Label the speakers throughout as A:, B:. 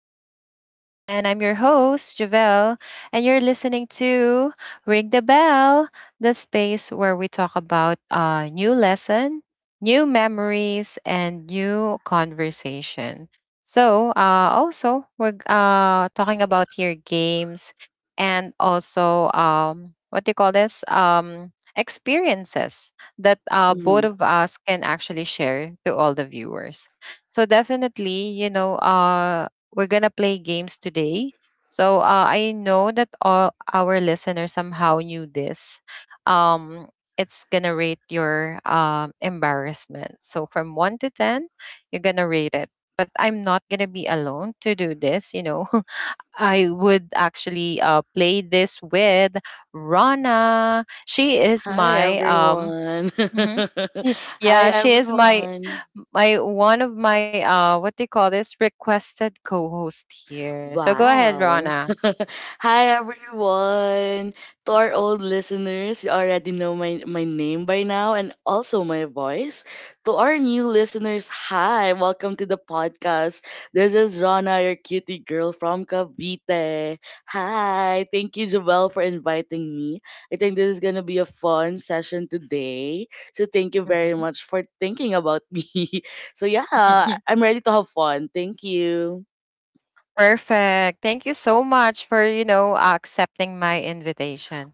A: to the show. And I'm your host, Javelle, and you're listening to Ring the Bell, the space where we talk about a new lesson, new memories, and new conversation. So also, we're talking about here games and also, what do you call this? Experiences that both
B: Mhm.
A: of us can actually share to all the viewers. So definitely, you know, we're gonna play games today. So I know that all our listeners somehow knew this. Um, it's gonna rate your embarrassment. So from one to ten, you're gonna rate it. But I'm not gonna be alone to do this. You know, I would actually play this with Rana. She is
B: Hi
A: my um.
B: everyone.
A: Mm-hmm. Y-
B: Hi
A: Yeah, she is my
B: everyone.
A: one of my what they call this requested co-host here. So go ahead,
B: Wow.
A: Rana.
B: Hi everyone. To our old listeners, you already know my name by now and also my voice. To our new listeners, hi. Welcome to the podcast. This is Rana, your cutie girl from Cavite. Hi. Thank you, Joelle, for inviting me. I think this is going to be a fun session today. So thank you very
A: Mm-hmm.
B: much for thinking about me. So yeah, I'm ready to have fun. Thank you.
A: Perfect. Thank you so much for, you know, accepting my invitation.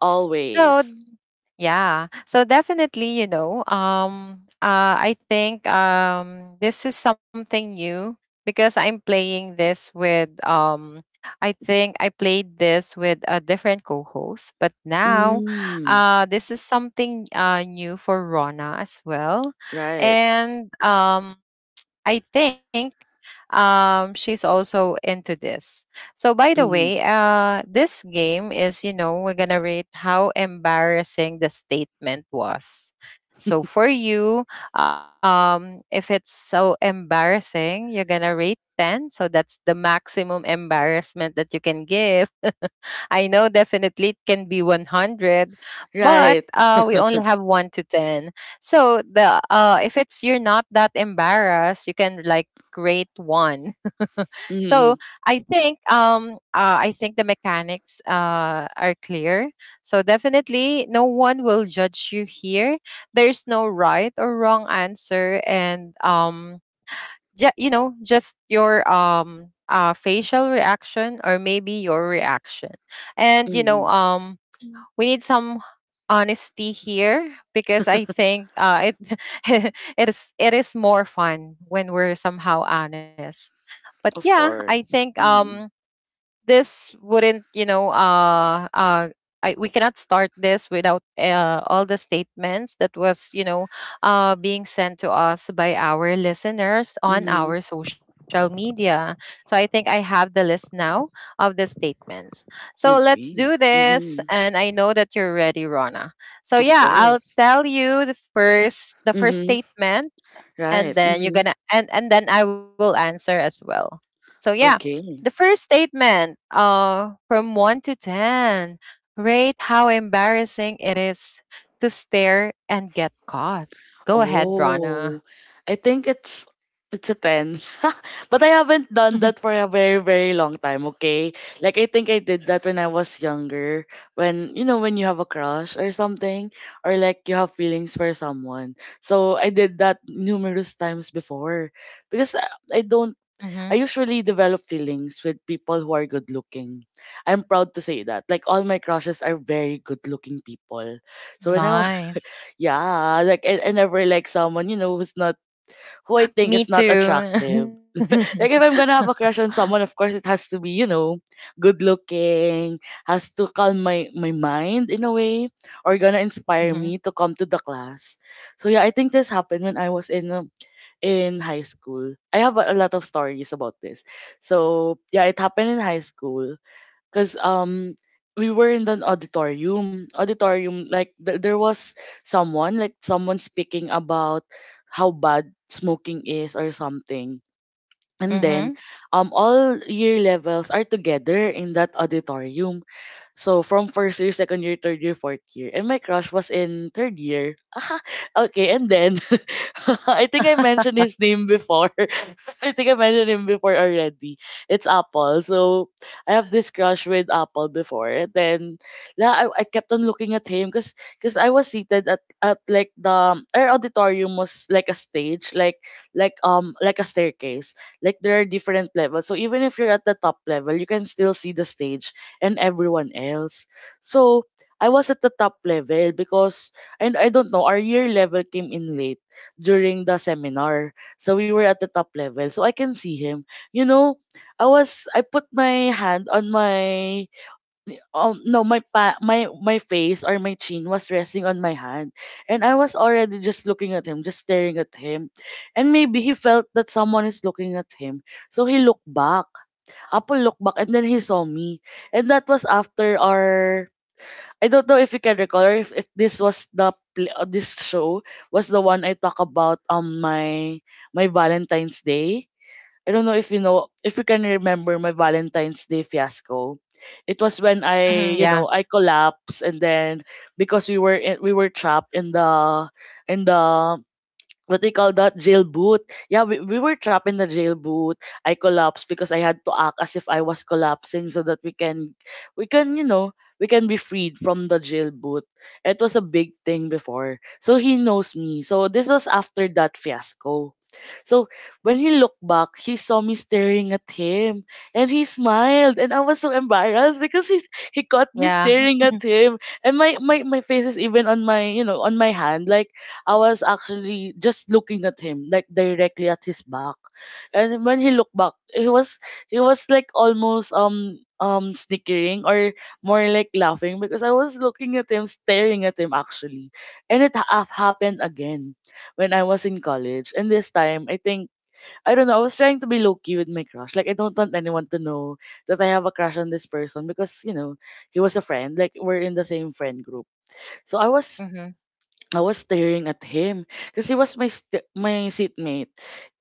A: So.
B: Always.
A: Yeah. So definitely, I think this is something new because I'm playing this with um. I think I played this with a different co-host, but now
B: Mm,
A: this is something new for Rona as well.
B: right.
A: And I think she's also into this. So by the
B: Mhm.
A: way, this game is, you know, we're going to rate how embarrassing the statement was. So for you, if it's so embarrassing, you're going to rate 10, so that's the maximum embarrassment that you can give. I know definitely it can be 100, but
B: Right.
A: we only have 1 to 10. So the if it's you're not that embarrassed, you can like rate 1. So
B: Mhm.
A: I think the mechanics are clear. So definitely no one will judge you here. There's no right or wrong answer, and you know, just your facial reaction or maybe your reaction, and you know
B: Mhm.
A: um we need some honesty here because I think it it is more fun when we're somehow honest. But
B: Of
A: yeah, I
B: course.
A: think
B: Mhm.
A: um, this wouldn't, you know, we cannot start this without all the statements that was, you know, being sent to us by our listeners on
B: Mhm.
A: our social media. So I think I have the list now of the statements. So let's
B: Okay.
A: do this,
B: Mhm.
A: and I know that you're ready, Rona. So
B: Of
A: yeah, I'll
B: course.
A: tell you the first
B: Mhm.
A: statement.
B: Right.
A: And then
B: Mhm.
A: you're gonna and then I will answer as well. So yeah, the
B: Okay.
A: first statement, from one to ten, rate how embarrassing it is to stare and get caught. Go ahead,
B: Oh,
A: Rana.
B: I think it's a 10. But I haven't done that for a very, very long time, okay? Like I think I did that when I was younger, when you know when you have a crush or something or like you have feelings for someone. So I did that numerous times before because I don't
A: Mm-hmm.
B: I usually develop feelings with people who are good looking. I'm proud to say that. Like all my crushes are very good looking people. So when I
A: Nice.
B: yeah, like I never like someone, you know, who's not who I think is
A: Me
B: not
A: too.
B: attractive. Like if I'm gonna have
A: Mm-hmm.
B: a crush on someone, of course it has to be, you know, good looking, has to calm my mind in a way, or gonna inspire me to come to the class. So yeah, I think this happened when I was in high school. I have a lot of stories about this. So yeah, it happened in high school because we were in an auditorium like there was someone like someone speaking about how bad smoking is or something. And
A: Mm-hmm.
B: then all year levels are together in that auditorium, so from first year, second year, third year, fourth year. And my crush was in third year. Aha, okay, and then I think I mentioned his name before. I think I mentioned him before already. It's Apple. So I have this crush with Apple before. And then I kept on looking at him because 'cause I was seated at like the our auditorium was like a stage, like a staircase. Like there are different levels. So even if you're at the top level, you can still see the stage and everyone else. So I was at the top level because and I don't know our year level came in late during the seminar. So we were at the top level. So I can see him. You know, I was I put my hand on my no my pa- my face or my chin was resting on my hand, and I was already just looking at him, just staring at him. And maybe he felt that someone is looking at him. So he looked back. Apple looked back and then he saw me. And that was after our I don't know if you can recall or if this was the this show was the one I talk about on my Valentine's Day. I don't know if you can remember my Valentine's Day fiasco. It was when
A: Mm-hmm.
B: I, you
A: Yeah.
B: know, I collapsed and then because we were trapped in the what do you call that jail boot. Yeah, we were trapped in the jail boot. I collapsed because I had to act as if I was collapsing so that we can you know we can be freed from the jail boot. It was a big thing before, so he knows me, so this was after that fiasco. So when he looked back, he saw me staring at him, and he smiled, and I was so embarrassed because he caught me
A: Yeah.
B: staring at him, and my my face is even on my you know on my hand like I was actually just looking at him, like directly at his back. And when he looked back, he was like almost snickering or more like laughing because I was looking at him, staring at him actually. And it happened again when I was in college. And this time, I think I don't know. I was trying to be low key with my crush. Like I don't want anyone to know that I have a crush on this person because you know he was a friend. Like we're in the same friend group. So
A: Mm-hmm.
B: I was staring at him because he was my my seatmate.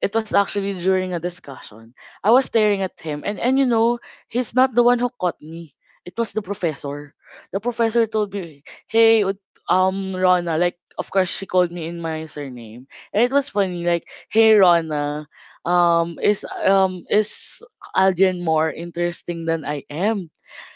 B: It was actually during a discussion. I was staring at him, and you know he's not the one who caught me. It was the professor. The professor told me, "Hey, Rona." Like, of course, she called me in my surname, and it was funny. Like, "Hey, Rona, is Aldrin more interesting than I am?"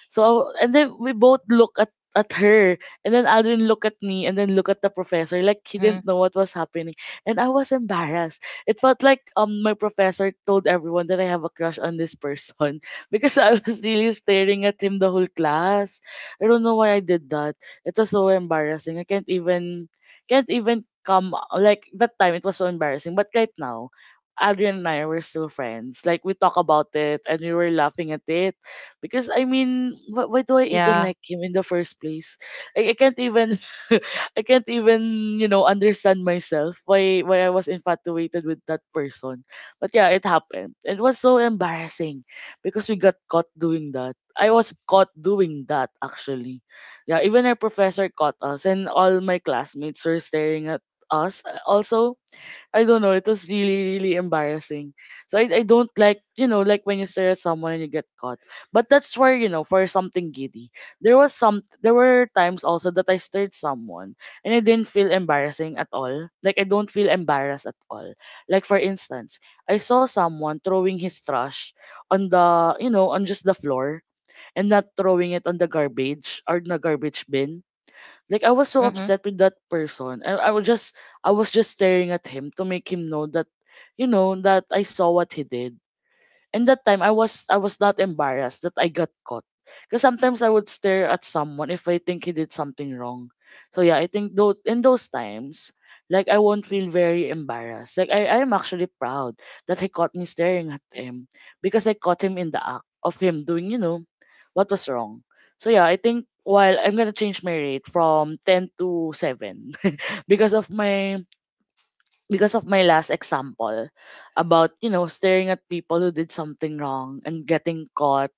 B: So and then we both look at her, and then Aldrin look at me and then look at the professor like he
A: Mm-hmm.
B: didn't know what was happening, and I was embarrassed. It felt like my professor told everyone that I have a crush on this person because I was really staring at him the whole class. I don't know why I did that. It was so embarrassing. I can't even come like that time it was so embarrassing. But right now, Adrian and I were still friends. Like we talk about it and we were laughing at it, because I mean, why do I
A: Yeah.
B: even like him in the first place? I can't even. I can't even, you know, understand myself why I was infatuated with that person. But yeah, it happened. It was so embarrassing because we got caught doing that. I was caught doing that actually. Yeah, even our professor caught us and all my classmates were staring at us also I don't know. It was really, really embarrassing. So I don't like, you know, like when you stare at someone and you get caught. But that's where, you know, for something giddy. There were times also that I stared at someone and I didn't feel embarrassing at all. Like I don't feel embarrassed at all. Like for instance, I saw someone throwing his trash on the, you know, on just the floor and not throwing it on the garbage or the garbage bin, like I was so
A: Mm-hmm.
B: upset with that person. I was just staring at him to make him know that you know that I saw what he did. And that time I was not embarrassed that I got caught, because sometimes I would stare at someone if I think he did something wrong. So yeah, I think though in those times, like I won't feel very embarrassed. Like I am actually proud that he caught me staring at him because I caught him in the act of him doing, you know, what was wrong. So yeah, I think while I'm gonna change my rate from ten to seven because of my because of my last example about you know staring at people who did something wrong and getting caught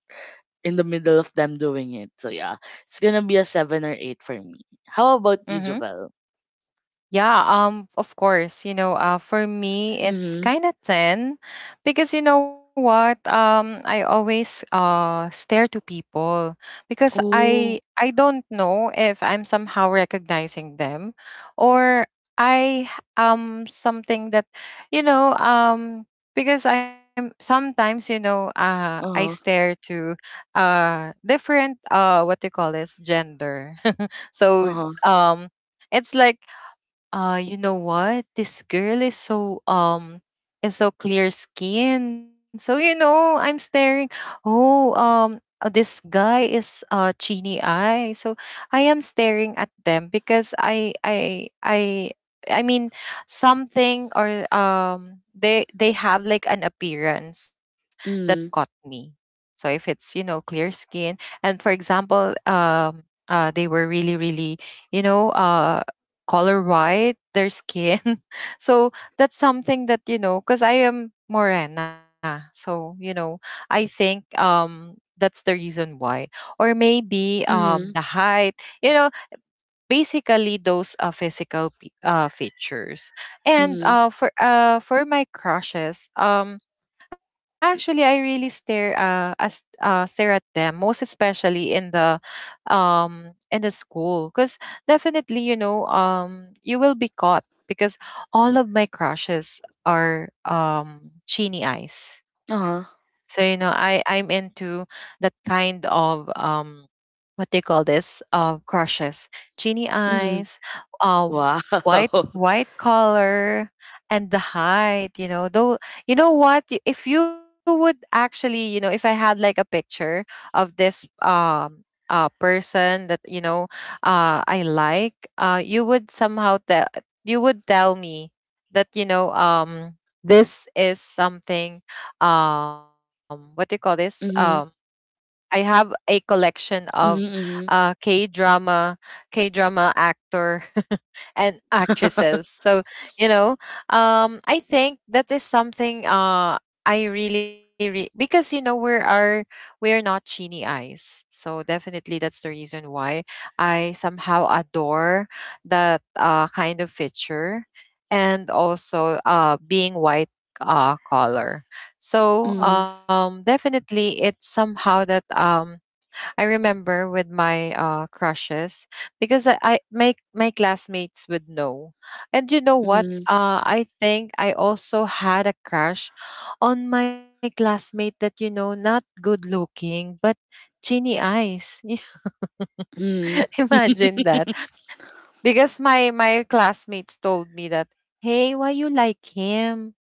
B: in the middle of them doing it. So yeah, it's gonna be a seven or eight for me. How about you,
A: Mm-hmm.
B: Javel?
A: Yeah, of course, you know, for me,
B: Mm-hmm.
A: it's kind of 10 because you know what? I always stare to people because
B: Oh.
A: I don't know if I'm somehow recognizing them, or I something that you know, um, because I'm sometimes, you know, I
B: Uh huh.
A: stare to different what do you call this gender. So
B: Uh huh.
A: um it's like you know what, this girl is so clear skin, so you know I'm staring. Oh this guy is chini eye, so I am staring at them because I mean something, or they have like an appearance that caught
B: Mm.
A: me. So if it's, you know, clear skin, and for example, they were really, really, you know, color white, their skin. So that's something that, you know, because I am morena. So, you know, I think that's the reason why. Or maybe the
B: Mm.
A: height, you know, basically those physical features. And
B: Mm.
A: for my crushes, um, actually, I really stare at them, most especially in the school, because definitely you know you will be caught because all of my crushes are chini eyes.
B: Uh
A: So
B: huh.
A: you know, I'm into that kind of um, what they call this? Crushes, genie
B: Mm.
A: eyes, uh,
B: Wow.
A: white white color, and the height. You know, though you know what? Y- if you would actually, you know, if I had like a picture of this person that, you know, I like, you would tell me that, you know, um, this is something um, what do you call this um,
B: Mm.
A: I have a collection of
B: Mm.
A: uh,
B: Mm.
A: K drama, K drama actor and actresses. So, you know, I think that is something I really, re- because, you know, we are not genie eyes. So definitely that's the reason why I somehow adore that kind of feature, and also being white color. So
B: Mm.
A: definitely it's somehow that I remember with my crushes because I my my classmates would know. And you know what?
B: Mm.
A: I think I also had a crush on my classmate that, you know, not good looking but genie eyes.
B: Mm.
A: Imagine that. Because my classmates told me that, "Hey, why you like him?"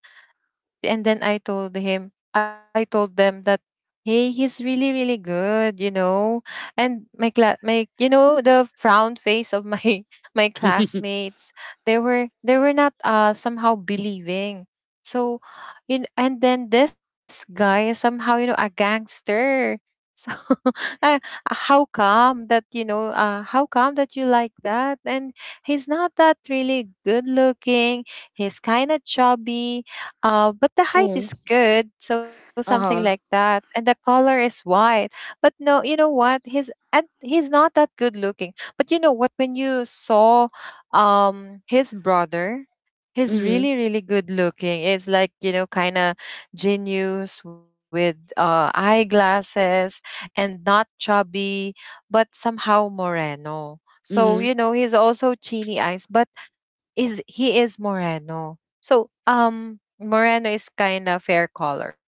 A: And then I told him, I told them that, "Hey, he's really, really good, you know." And my class, my, you know, the frown face of my my classmates, they were not somehow believing. So, you know, and then this guy is somehow, you know, a gangster. So, uh, how come that, you know? How come that you like that? And he's not that really good looking. He's kind of chubby but the height
B: Oh.
A: is good, so something
B: Uh
A: like
B: huh.
A: that. And the color is white. But no, you know what? He's and he's not that good looking. But you know what? When you saw his brother, he's
B: Mm.
A: really, really good looking. It's like, you know, kinda genius with eyeglasses and not chubby, but somehow moreno. So,
B: Mm.
A: you know, he's also chiny eyes, but is he is Moreno. So um, Moreno is kind of fair color.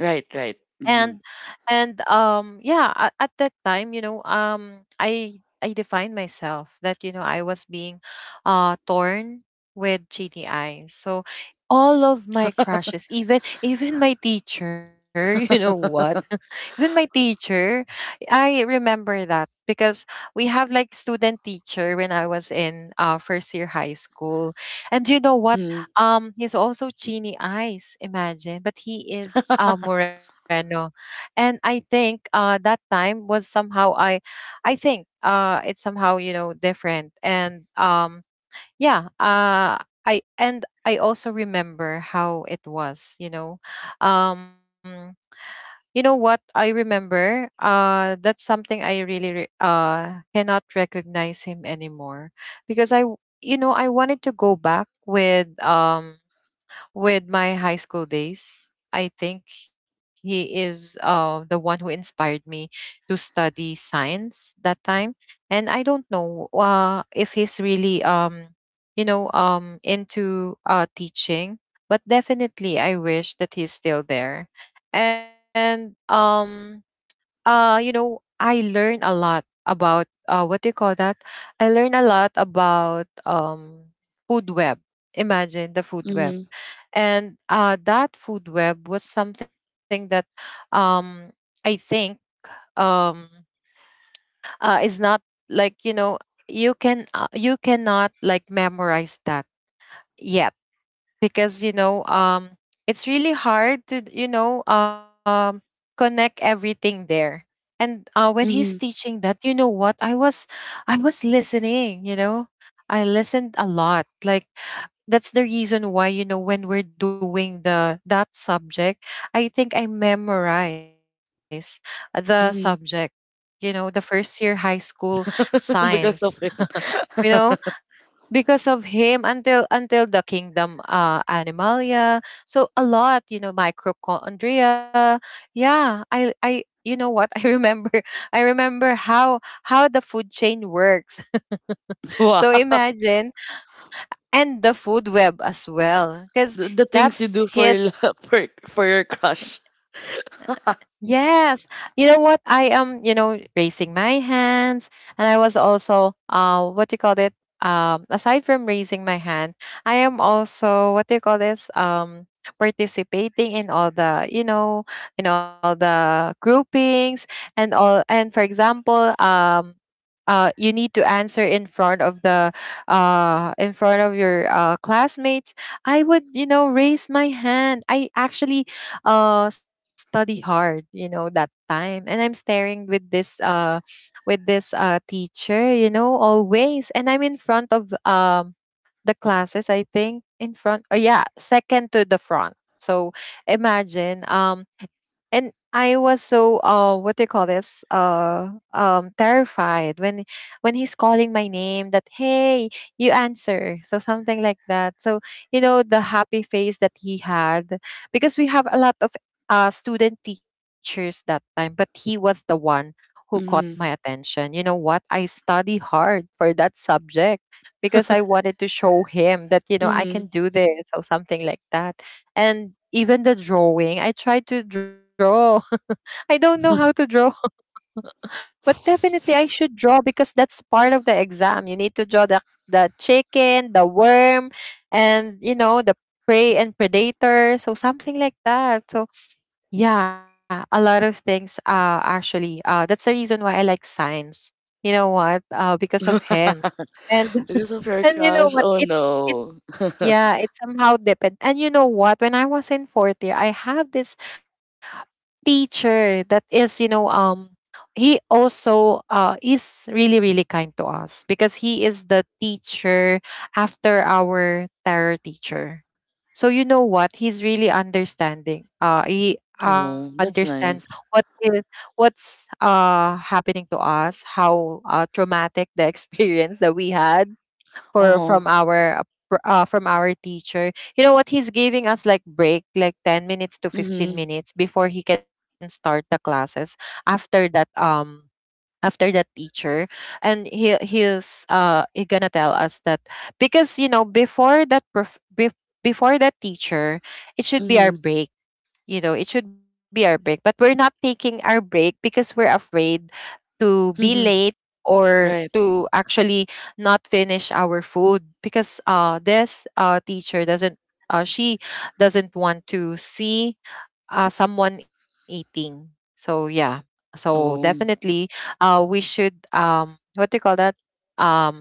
B: Right. Right.
A: And
B: Mm.
A: yeah, at that time, you know, I defined myself that, you know, I was being torn with gti. So all of my crushes, even even my teacher, you know what, even my teacher, I remember that because we have like student teacher when I was in first year high school. And you know what, he's also Chini eyes, imagine, but he is Moreno. And I think that time was somehow I think it's somehow, you know, different. And yeah, I and I also remember how it was, um, you know what I remember, that's something I really re- cannot recognize him anymore because I, w- you know, I wanted to go back with my high school days. I think he is the one who inspired me to study science that time. And I don't know if he's really, you know, into teaching, but definitely I wish that he's still there. And, you know, I learn a lot about what do you call that? I learn a lot about food web. Imagine the food web, and that food web was something that um, I think um, is not like, you know, you can you cannot like memorize that yet, because you know it's really hard to, you know, connect everything there. And when he's teaching that, you know what, I was listening. You know, I listened a lot. Like that's the reason why you know when we're doing the that subject, I think I memorize the subject, you know, the first year high school science, you know, because of him. Until the kingdom animalia. So a lot, you know, mitochondria. Yeah, I you know what, I remember how the food chain works. So imagine, and the food web as well, because that's his. Yes. You know what, I am, raising my hands. And I was also, what do you call it, aside from raising my hand, I am also what do you call this, participating in all the groupings and all. And For example, you need to answer in front of the, in front of your classmates. I would, raise my hand. I actually study hard, that time, and I'm staring with this teacher, always. And I'm in front of, the classes, I think in front. Oh yeah, second to the front. So imagine. And I was so, what do you call this, terrified when he's calling my name that, hey, you answer, so something like that. So you know the happy face that he had, because we have a lot of student teachers that time, but he was the one who caught my attention. You know what, I study hard for that subject, because I wanted to show him that I can do this, or something like that. And even the drawing, I tried to draw. I don't know how to draw, but definitely I should draw because that's part of the exam. You need to draw the chicken, the worm, and the prey and predator. So something like that. So yeah, a lot of things, actually that's the reason why I like science. You know what? Because of him. And and you know what? It Yeah, it somehow depend. And you know what? When I was in fourth year, I have this teacher that is, he also is really really kind to us, because he is the teacher after our terror teacher. So you know what? He's really understanding. He understand what is what's happening to us, how traumatic the experience that we had for from our from our teacher. You know what? He's giving us like break, like 10 minutes to 15 minutes before he can start the classes. After that, um, after that teacher, and he gonna tell us that, because you know, before before that teacher, it should be our break. You know, it should be our break, but we're not taking our break because we're afraid to be late, or to actually not finish our food, because this teacher doesn't she doesn't want to see someone eating. So yeah. So definitely we should, what do you call that, um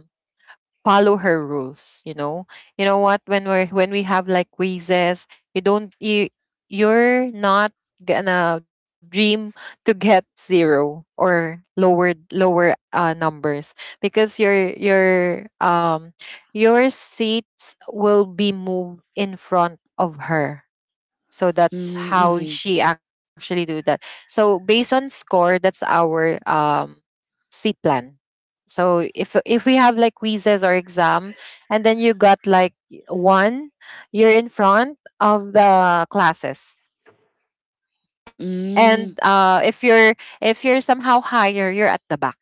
A: follow her rules. You know what, when we have like quizzes, you don't you you're not gonna dream to get zero or lower numbers, because your seats will be moved in front of her. So that's how she actually do that. So based on score, that's our seat plan. So if we have like quizzes or exam, and then you got like one, you're in front of the classes. And if you're somehow higher, you're at the back.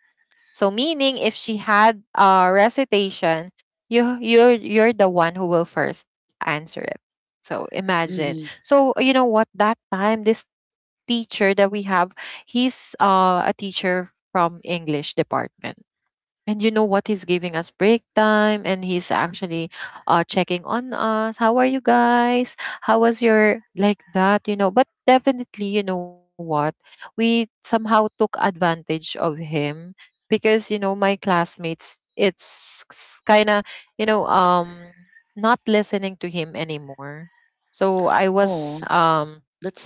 A: So meaning, if she had a recitation, you're the one who will first answer it. So imagine. So you know what? That time, this teacher that we have, he's a teacher from English department. And you know what? He's giving us break time, and he's actually checking on us. How are you guys? How was your, like, that, you know? But definitely, you know what? We somehow took advantage of him, because my classmates, it's kind of, you know, um not listening to him anymore. So I was um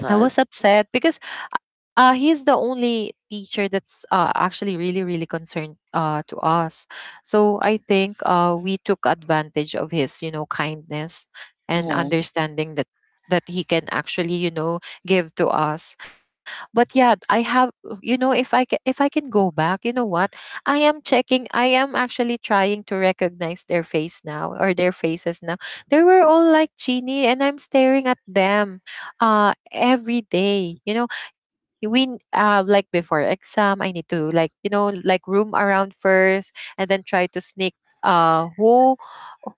A: I was upset, because he's the only teacher that's actually really, really concerned to us. So I think we took advantage of his kindness and understanding that he can actually give to us. But yeah, I have, you know, if I can go back, you know what, I am checking. I am actually trying to recognize their face now, or their faces now. They were all like genie, and I'm staring at them every day. You know, we, like before exam, I need to like, like, room around first, and then try to sneak, uh who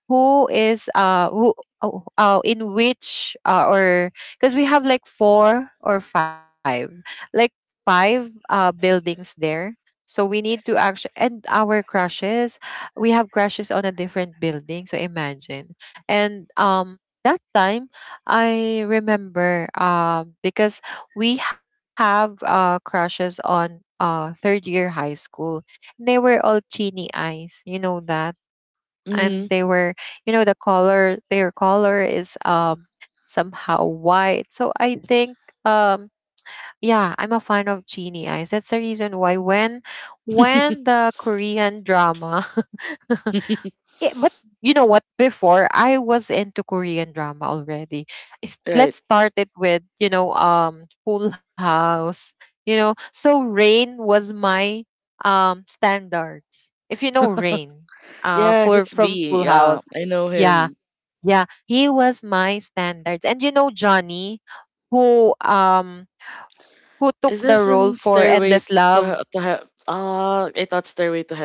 A: who is who oh, in which or, because we have like four or five, like, five buildings there. So we need to actually, and our crushes, we have crushes on a different building, so imagine. And That time, I remember, because we have crushes on third year high school. They were all teeny eyes, you know that, and they were the color. Their color is somehow white. So I think, um yeah, I'm a fan of genie eyes. That's the reason why when the Korean drama, it. But you know what, before I was into Korean drama already. Let's start it with, Full House. You know, so Rain was my standards. If you know Rain, for from Full House. Yeah, yeah, he was my standards. And you know Johnny, who um who took the role for Endless Love,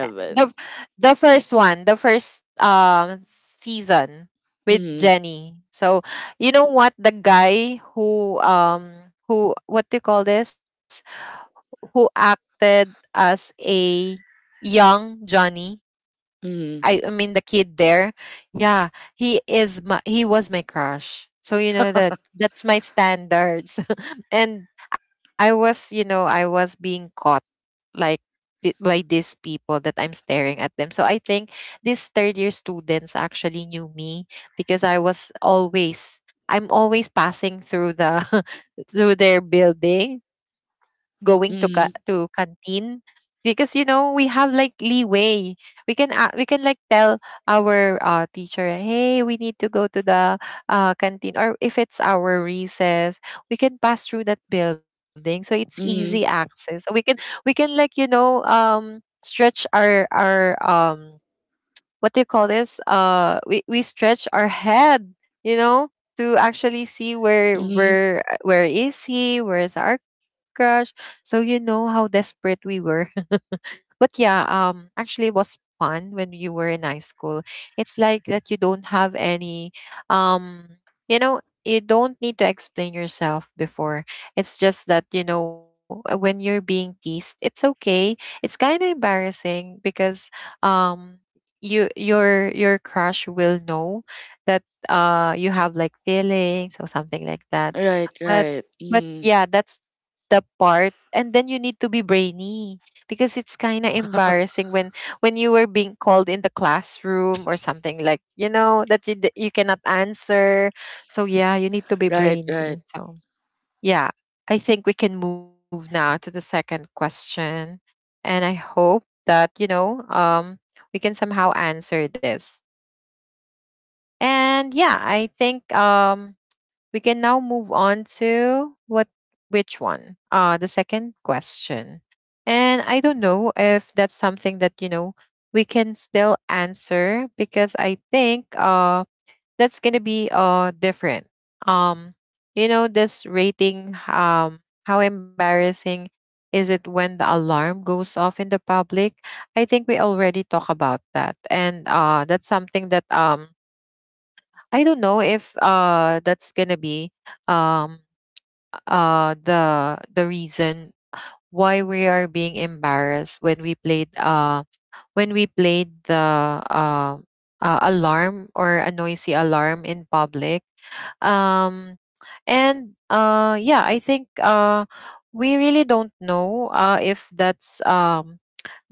A: the the first one, the first season with Jenny. So you know what, the guy who, what do you call this, who acted as a young Johnny? I mean the kid there. Yeah, he was my crush. So you know that that's my standards. And I was being caught like, by these people that I'm staring at them. So I think these third year students actually knew me, because I'm always passing through the through their building, going to to canteen, because you know we have like leeway. We can we can like tell our teacher, hey, we need to go to the canteen, or if it's our recess, we can pass through that building, so it's easy access. So we can like, stretch our what do you call this? We stretch our head, you know, to actually see, where is he? Where is our crush? So you know how desperate we were. But yeah, actually it was fun when you were in high school. It's like that you don't have any, um you know you don't need to explain yourself. Before, it's just that you know, when you're being teased, it's okay. It's kind of embarrassing because, um your crush will know that you have like feelings, or something like that. But yeah, that's the part. And then you need to be brainy, because it's kind of embarrassing when you were being called in the classroom, or something like, that you cannot answer. So yeah, you need to be brainy. So yeah, I think we can move now to the second question, and I hope that, we can somehow answer this. And yeah, I think, we can now move on to what which one. The second question. And I don't know if that's something that we can still answer, because I think that's going to be different. Um this rating, how embarrassing is it when the alarm goes off in the public? I think we already talk about that. And that's something that, I don't know if that's gonna be, um the reason why we are being embarrassed when we played, the uh, alarm, or a noisy alarm in public. um and yeah, I think we really don't know if that's, um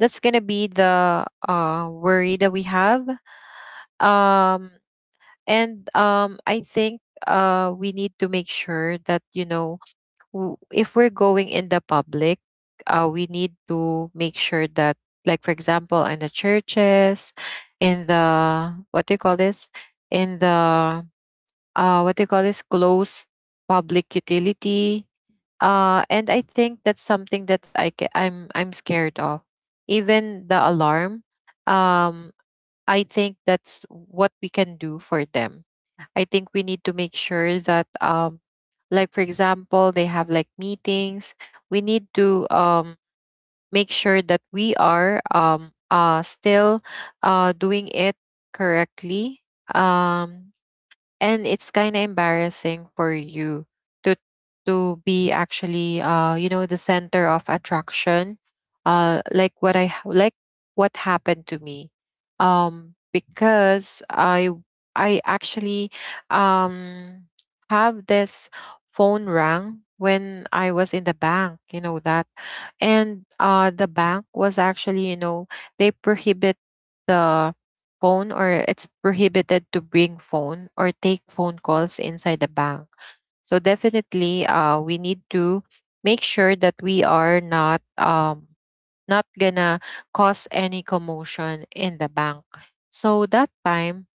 A: that's gonna be the worry that we have. um and I think we need to make sure that, if we're going in the public, we need to make sure that, like, for example, in the churches, in the, what do you call this, in the, what do you call this, closed public utility. And I think that's something that I ca- I'm scared of. Even the alarm, um, I think that's what we can do for them. I think we need to make sure that, like for example, they have like meetings. We need to, make sure that we are, still doing it correctly. Um and it's kind of embarrassing for you to to be actually, the center of attraction. Like like what happened to me. Because I actually, um have this phone rang when I was in the bank, you know that. And the bank was actually, they prohibit the phone, or it's prohibited to bring phone or take phone calls inside the bank. So definitely, we need to make sure that we are not gonna cause any commotion in the bank. So that time,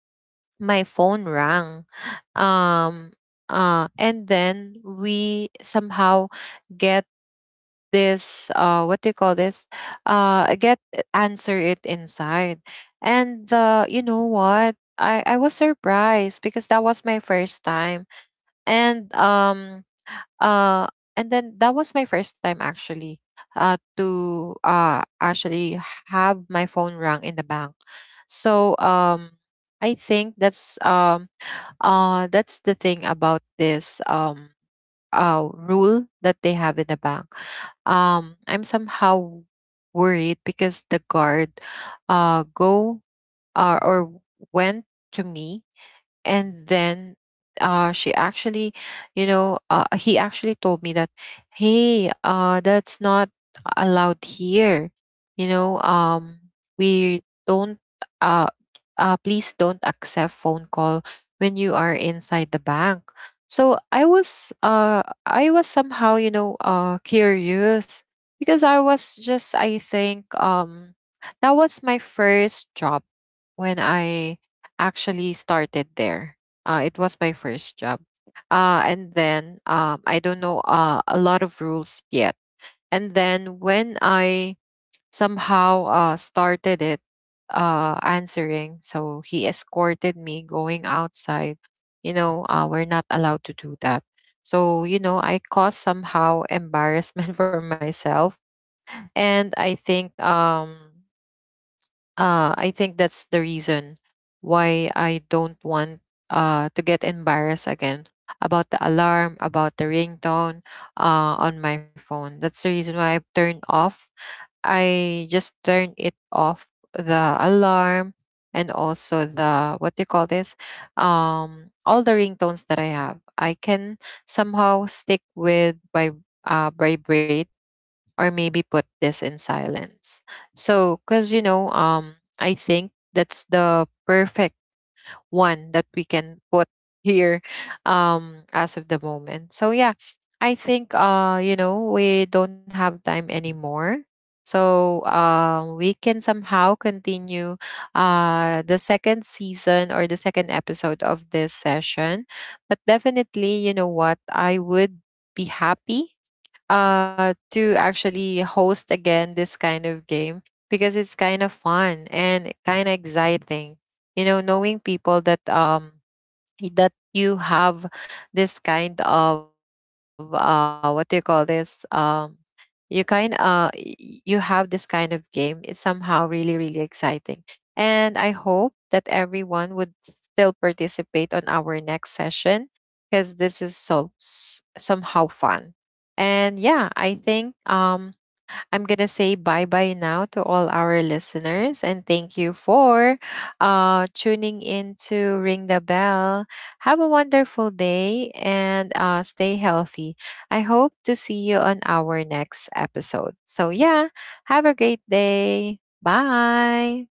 A: my phone rang. um, and then we somehow get this, what do you call this, get, answer it inside. And you know what, I was surprised, because that was my first time. And, uh and then that was my first time actually, to actually have my phone rang in the bank. So, I think that's, that's the thing about this, rule that they have in the bank. I'm somehow worried because the guard, go or went to me. And then, she actually you know he actually told me that, hey, that's not allowed here. You know, we don't uh please don't accept phone call when you are inside the bank. So I was somehow, curious. Because I think, that was my first job, when I actually started there. It was my first job. And then, I don't know, a lot of rules yet. And then when I somehow started it, answering, so he escorted me going outside. You know, we're not allowed to do that. So I caused somehow embarrassment for myself. And I think that's the reason why I don't want to get embarrassed again about the alarm, about the ringtone on my phone. That's the reason why I've turned off. I just turn it off, the alarm, and also the, what do you call this, all the ringtones that I have. I can somehow stick with, by vibrate, or maybe put this in silence. So, because you know, I think that's the perfect one that we can put here, as of the moment. So yeah, I think, we don't have time anymore. So, we can somehow continue, the second season, or the second episode of this session. But definitely, you know what, I would be happy to actually host again this kind of game, because it's kind of fun, and kind of exciting, knowing people that, that you have this kind of, what do you call this, you kind uh y- you have this kind of game, it's somehow really really exciting. And I hope that everyone would still participate on our next session, because this is so somehow fun. And yeah, I think, I'm going to say bye bye now to all our listeners, and thank you for tuning in to Ring the Bell. Have a wonderful day, and stay healthy. I hope to see you on our next episode. So, yeah, have a great day. Bye.